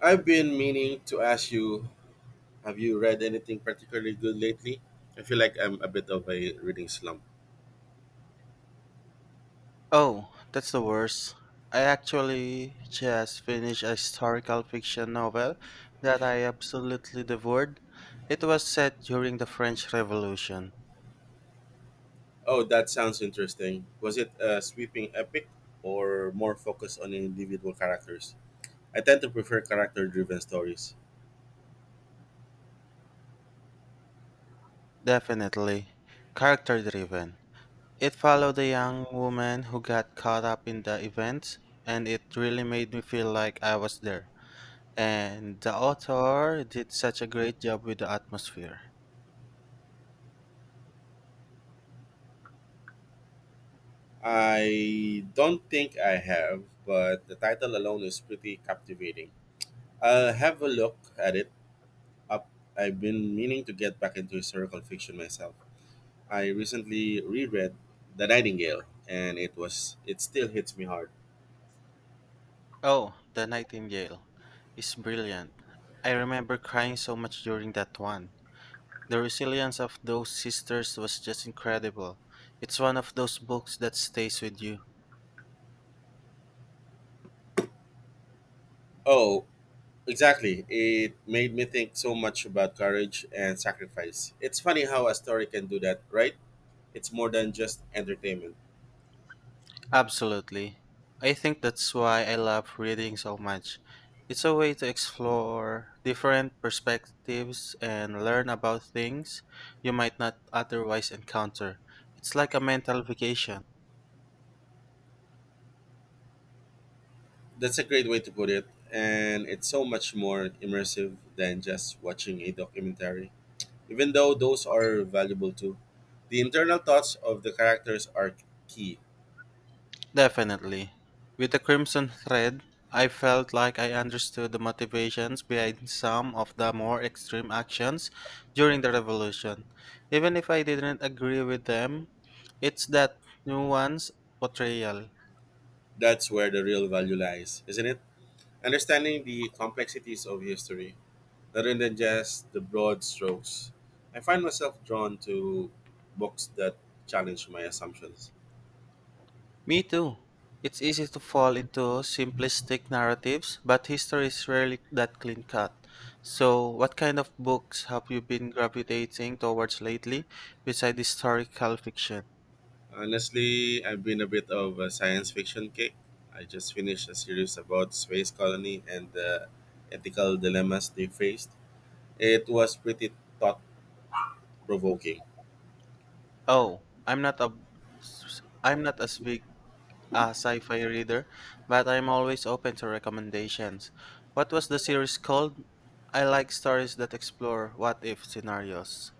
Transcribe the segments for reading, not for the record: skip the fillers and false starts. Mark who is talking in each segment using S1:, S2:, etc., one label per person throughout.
S1: I've been meaning to ask you, have you read anything particularly good lately? I feel like I'm a bit of a reading slump.
S2: Oh, that's the worst. I actually just finished a historical fiction novel that I absolutely devoured. It was set during the French Revolution.
S1: Oh, that sounds interesting. Was it a sweeping epic or more focused on individual characters? I tend to prefer character driven stories.
S2: Definitely character driven. It followed a young woman who got caught up in the events, and it really made me feel like I was there. And the author did such a great job with the atmosphere.
S1: I don't think I have, but the title alone is pretty captivating. I'll have a look at it. Up, I've been meaning to get back into historical fiction myself. I recently reread The Nightingale and it still hits me hard.
S2: Oh, The Nightingale is brilliant. I remember crying so much during that one. The resilience of those sisters was just incredible. It's one of those books that stays with you.
S1: Oh, exactly. It made me think so much about courage and sacrifice. It's funny how a story can do that, right? It's more than just entertainment.
S2: Absolutely. I think that's why I love reading so much. It's a way to explore different perspectives and learn about things you might not otherwise encounter. It's like a mental vacation.
S1: That's a great way to put it, and it's so much more immersive than just watching a documentary. Even though those are valuable too, the internal thoughts of the characters are key.
S2: Definitely. With the Crimson Thread, I felt like I understood the motivations behind some of the more extreme actions during the revolution. Even if I didn't agree with them, it's that nuanced portrayal.
S1: That's where the real value lies, isn't it? Understanding the complexities of history, rather than just the broad strokes, I find myself drawn to books that challenge my assumptions.
S2: Me too. It's easy to fall into simplistic narratives, but history is rarely that clean cut. So, what kind of books have you been gravitating towards lately, besides historical fiction?
S1: Honestly, I've been a bit of a science fiction kick. I just finished a series about space colony and the ethical dilemmas they faced. It was pretty thought provoking.
S2: Oh, I'm not as big a sci-fi reader, but I'm always open to recommendations. What was the series called? I like stories that explore what if scenarios.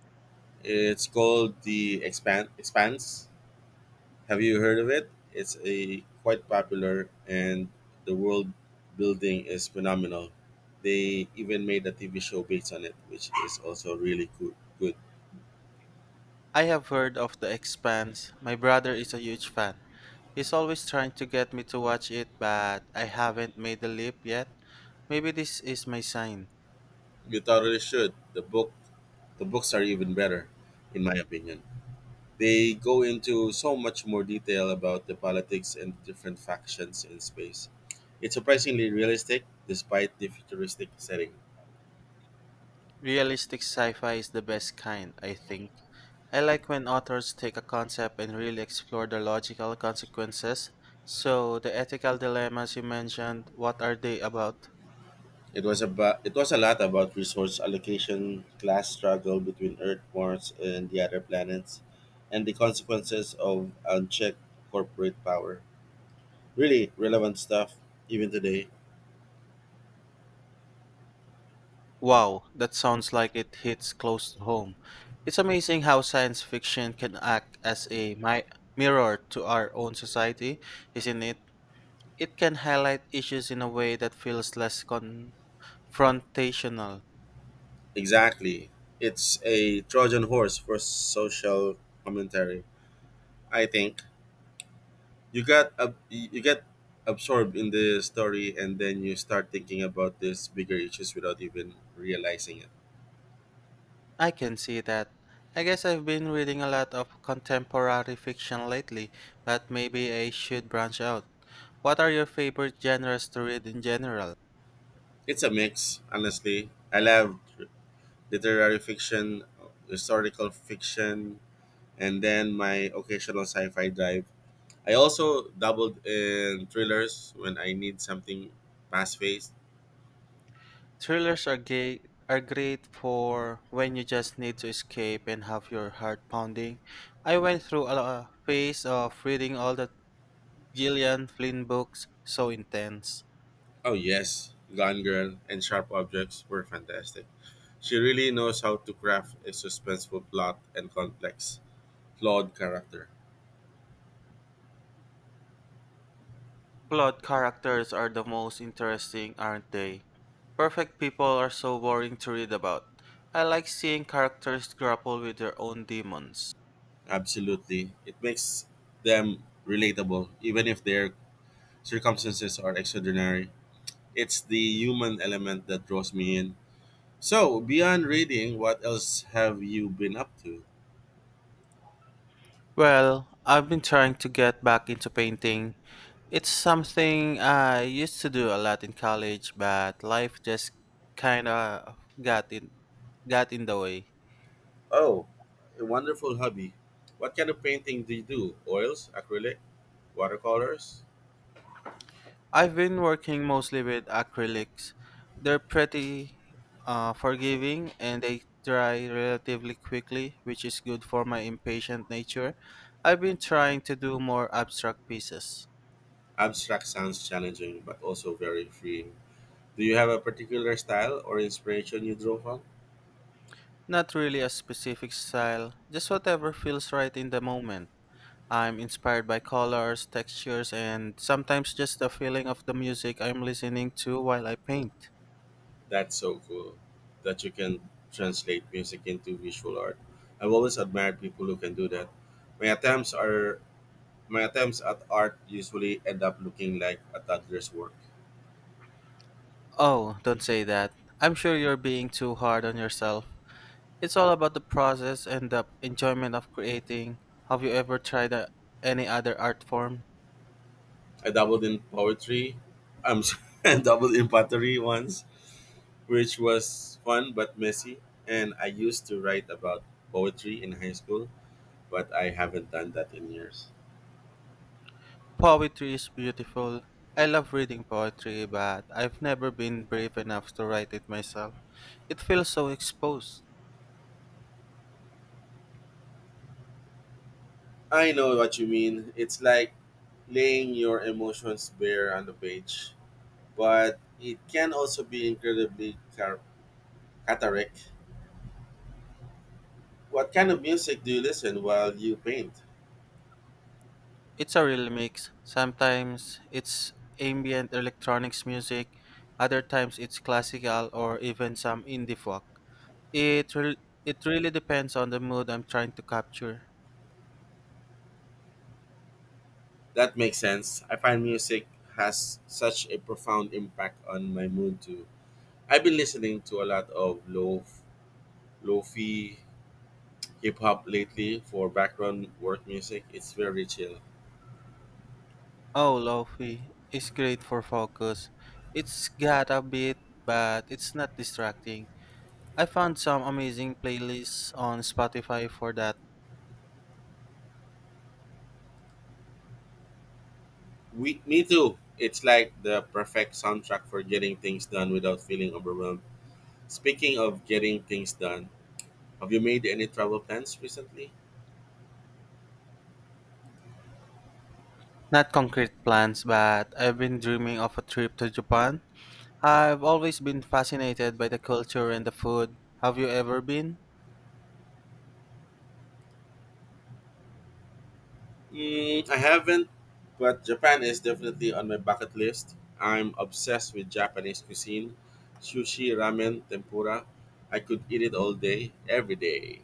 S1: It's called Expanse. Have you heard of it? It's a quite popular and the world building is phenomenal. They even made a TV show based on it, which is also really good.
S2: I have heard of The Expanse. My brother is a huge fan. He's always trying to get me to watch it, but I haven't made the leap yet. Maybe this is my sign.
S1: You totally should. The books are even better in my opinion. They go into so much more detail about the politics and different factions in space. It's surprisingly realistic despite the futuristic setting.
S2: Realistic sci-fi is the best kind, I think. I like when authors take a concept and really explore the logical consequences. So, the ethical dilemmas you mentioned, what are they about?
S1: It was a lot about resource allocation, class struggle between Earth, Mars, and the other planets, and the consequences of unchecked corporate power. Really relevant stuff, even today.
S2: Wow, that sounds like it hits close to home. It's amazing how science fiction can act as a mirror to our own society, isn't it? It can highlight issues in a way that feels less confrontational.
S1: Exactly, it's a Trojan horse for social commentary. I think you get absorbed in the story, and then you start thinking about these bigger issues without even realizing it.
S2: I can see that. I guess I've been reading a lot of contemporary fiction lately, but maybe I should branch out. What are your favorite genres to read in general?
S1: It's a mix, honestly. I love literary fiction, historical fiction, and then my occasional sci-fi drive. I also dabbled in thrillers when I need something fast-paced.
S2: Thrillers are great for when you just need to escape and have your heart pounding. I went through a a phase of reading all the Gillian Flynn books, so intense.
S1: Oh yes, Gone Girl and Sharp Objects were fantastic. She really knows how to craft a suspenseful plot and complex, flawed character.
S2: Flawed characters are the most interesting, aren't they? Perfect people are so boring to read about. I like seeing characters grapple with their own demons.
S1: Absolutely. It makes them relatable, even if their circumstances are extraordinary. It's the human element that draws me in. So, beyond reading, what else have you been up to?
S2: Well, I've been trying to get back into painting. It's something I used to do a lot in college, but life just kinda got in got in the way.
S1: Oh, a wonderful hobby. What kind of painting do you do? Oils, acrylic, watercolors?
S2: I've been working mostly with acrylics. They're pretty forgiving and they dry relatively quickly, which is good for my impatient nature. I've been trying to do more abstract pieces.
S1: Abstract sounds challenging, but also very freeing. Do you have a particular style or inspiration you draw from?
S2: Not really a specific style, just whatever feels right in the moment. I'm inspired by colors, textures, and sometimes just the feeling of the music I'm listening to while I paint.
S1: That's so cool that you can translate music into visual art. I've always admired people who can do that. My attempts are my attempts at art usually end up looking like a toddler's work.
S2: Oh, don't say that. I'm sure you're being too hard on yourself. It's all about the process and the enjoyment of creating. Have you ever tried any other art form?
S1: I dabbled in poetry. I'm sorry, I dabbled in pottery once, which was fun but messy. And I used to write about poetry in high school, but I haven't done that in years.
S2: Poetry is beautiful. I love reading poetry, but I've never been brave enough to write it myself. It feels so exposed.
S1: I know what you mean. It's like laying your emotions bare on the page, but it can also be incredibly cathartic. What kind of music do you listen while you paint?
S2: It's a real mix. Sometimes it's ambient electronics music, other times it's classical or even some indie folk. It, re- it really depends on the mood I'm trying to capture.
S1: That makes sense. I find music has such a profound impact on my mood too. I've been listening to a lot of lo lofi hip hop lately for background work music. It's very chill.
S2: Oh, Lofi is great for focus. It's got a bit, but it's not distracting. I found some amazing playlists on Spotify for that.
S1: Me too. It's like the perfect soundtrack for getting things done without feeling overwhelmed. Speaking of getting things done, have you made any travel plans recently?
S2: Not concrete plans, but I've been dreaming of a trip to Japan. I've always been fascinated by the culture and the food. Have you ever been?
S1: Mm, I haven't, but Japan is definitely on my bucket list. I'm obsessed with Japanese cuisine, sushi, ramen, tempura. I could eat it all day, every day.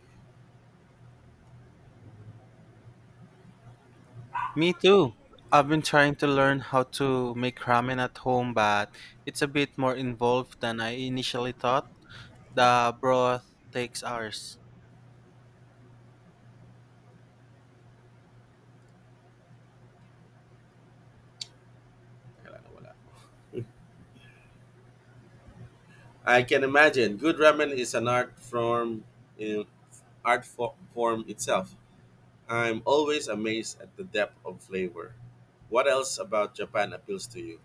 S2: Me too. I've been trying to learn how to make ramen at home, but it's a bit more involved than I initially thought. The broth takes hours.
S1: Kailangan wala. I can imagine. Good ramen is an art form, in form itself. I'm always amazed at the depth of flavor. What else about Japan appeals to you?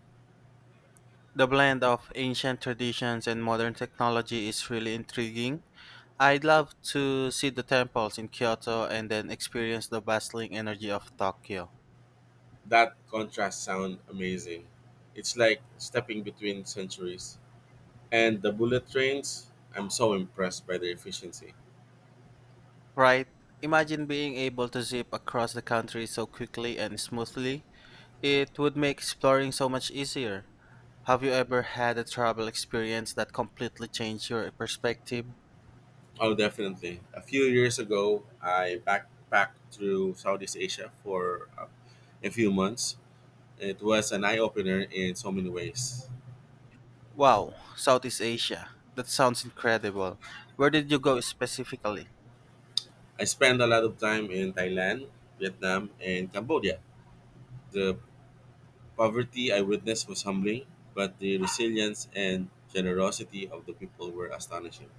S2: The blend of ancient traditions and modern technology is really intriguing. I'd love to see the temples in Kyoto and then experience the bustling energy of Tokyo.
S1: That contrast sound amazing. It's like stepping between centuries. And the bullet trains, I'm so impressed by their efficiency.
S2: Right? Imagine being able to zip across the country so quickly and smoothly. It would make exploring so much easier. Have you ever had a travel experience that completely changed your perspective?
S1: Oh, definitely. A few years ago, I backpacked through Southeast Asia for a few months. It was an eye opener in so many ways.
S2: Wow, Southeast Asia. That sounds incredible. Where did you go specifically?
S1: I spent a lot of time in Thailand, Vietnam, and Cambodia. The poverty I witnessed was humbling, but the resilience and generosity of the people were astonishing.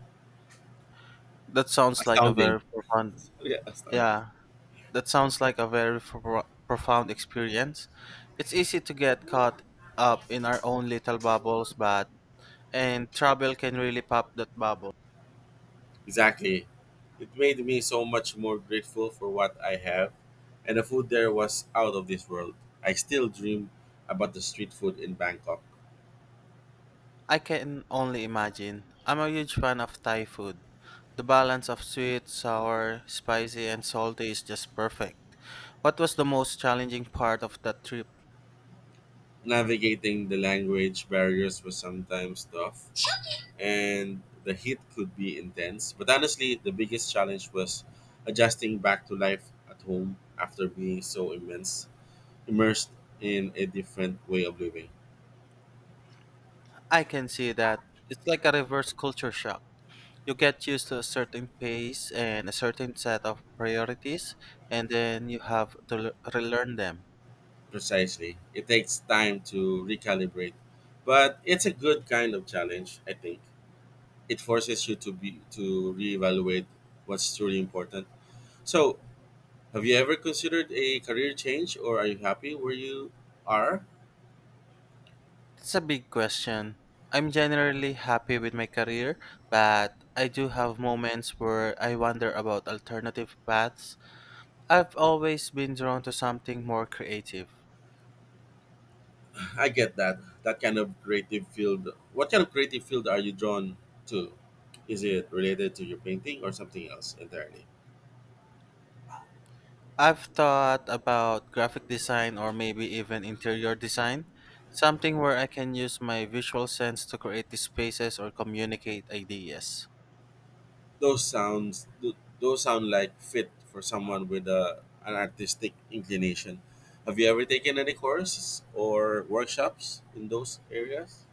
S2: That sounds like a
S1: Astounding.
S2: very profound—
S1: Yeah, astounding.
S2: Yeah, that sounds like a very profound experience. It's easy to get caught up in our own little bubbles, but and travel can really pop that bubble.
S1: Exactly. It made me so much more grateful for what I have, and the food there was out of this world. I still dream about the street food in Bangkok.
S2: I can only imagine. I'm a huge fan of Thai food. The balance of sweet, sour, spicy, and salty is just perfect. What was the most challenging part of that trip?
S1: Navigating the language barriers was sometimes tough, and the heat could be intense. But honestly, the biggest challenge was adjusting back to life at home after being so immense immersed in a different way of living.
S2: I can see that. It's like a reverse culture shock. You get used to a certain pace and a certain set of priorities, and then you have to relearn them.
S1: Precisely. It takes time to recalibrate, but it's a good kind of challenge, I think. It forces you to reevaluate what's truly important. So, have you ever considered a career change or are you happy where you are?
S2: That's a big question. I'm generally happy with my career, but I do have moments where I wonder about alternative paths. I've always been drawn to something more creative.
S1: I get that. That kind of creative field. What kind of creative field are you drawn to? Is it related to your painting or something else entirely?
S2: I've thought about graphic design or maybe even interior design, something where I can use my visual sense to create the spaces or communicate ideas.
S1: Those sound like fit for someone with an artistic inclination. Have you ever taken any courses or workshops in those areas?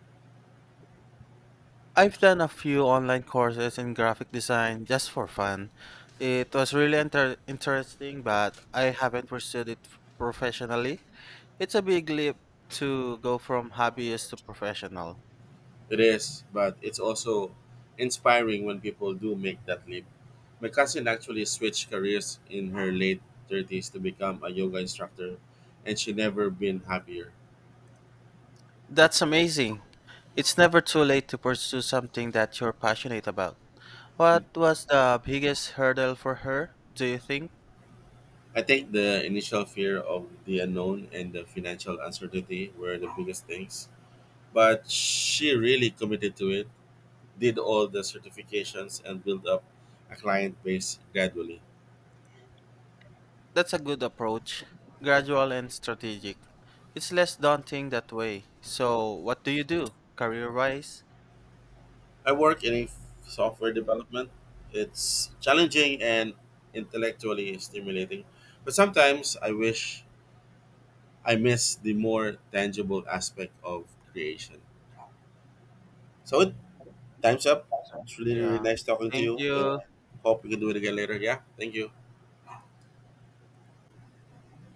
S2: I've done a few online courses in graphic design just for fun. It was really interesting, but I haven't pursued it professionally. It's a big leap to go from hobbyist to professional.
S1: It is, but it's also inspiring when people do make that leap. My cousin actually switched careers in her late 30s to become a yoga instructor, and she never been happier.
S2: That's amazing. It's never too late to pursue something that you're passionate about. What was the biggest hurdle for her, do you think?
S1: I think the initial fear of the unknown and the financial uncertainty were the biggest things. But she really committed to it, did all the certifications, and built up a client base gradually.
S2: That's a good approach, gradual and strategic. It's less daunting that way. So, what do you do career wise?
S1: I work in software development. It's challenging and intellectually stimulating, but sometimes I miss the more tangible aspect of creation. So it time's up. It's really, really
S2: Yeah.
S1: nice talking to
S2: Thank
S1: you. And
S2: you.
S1: hope we can do it again later. Yeah, thank you.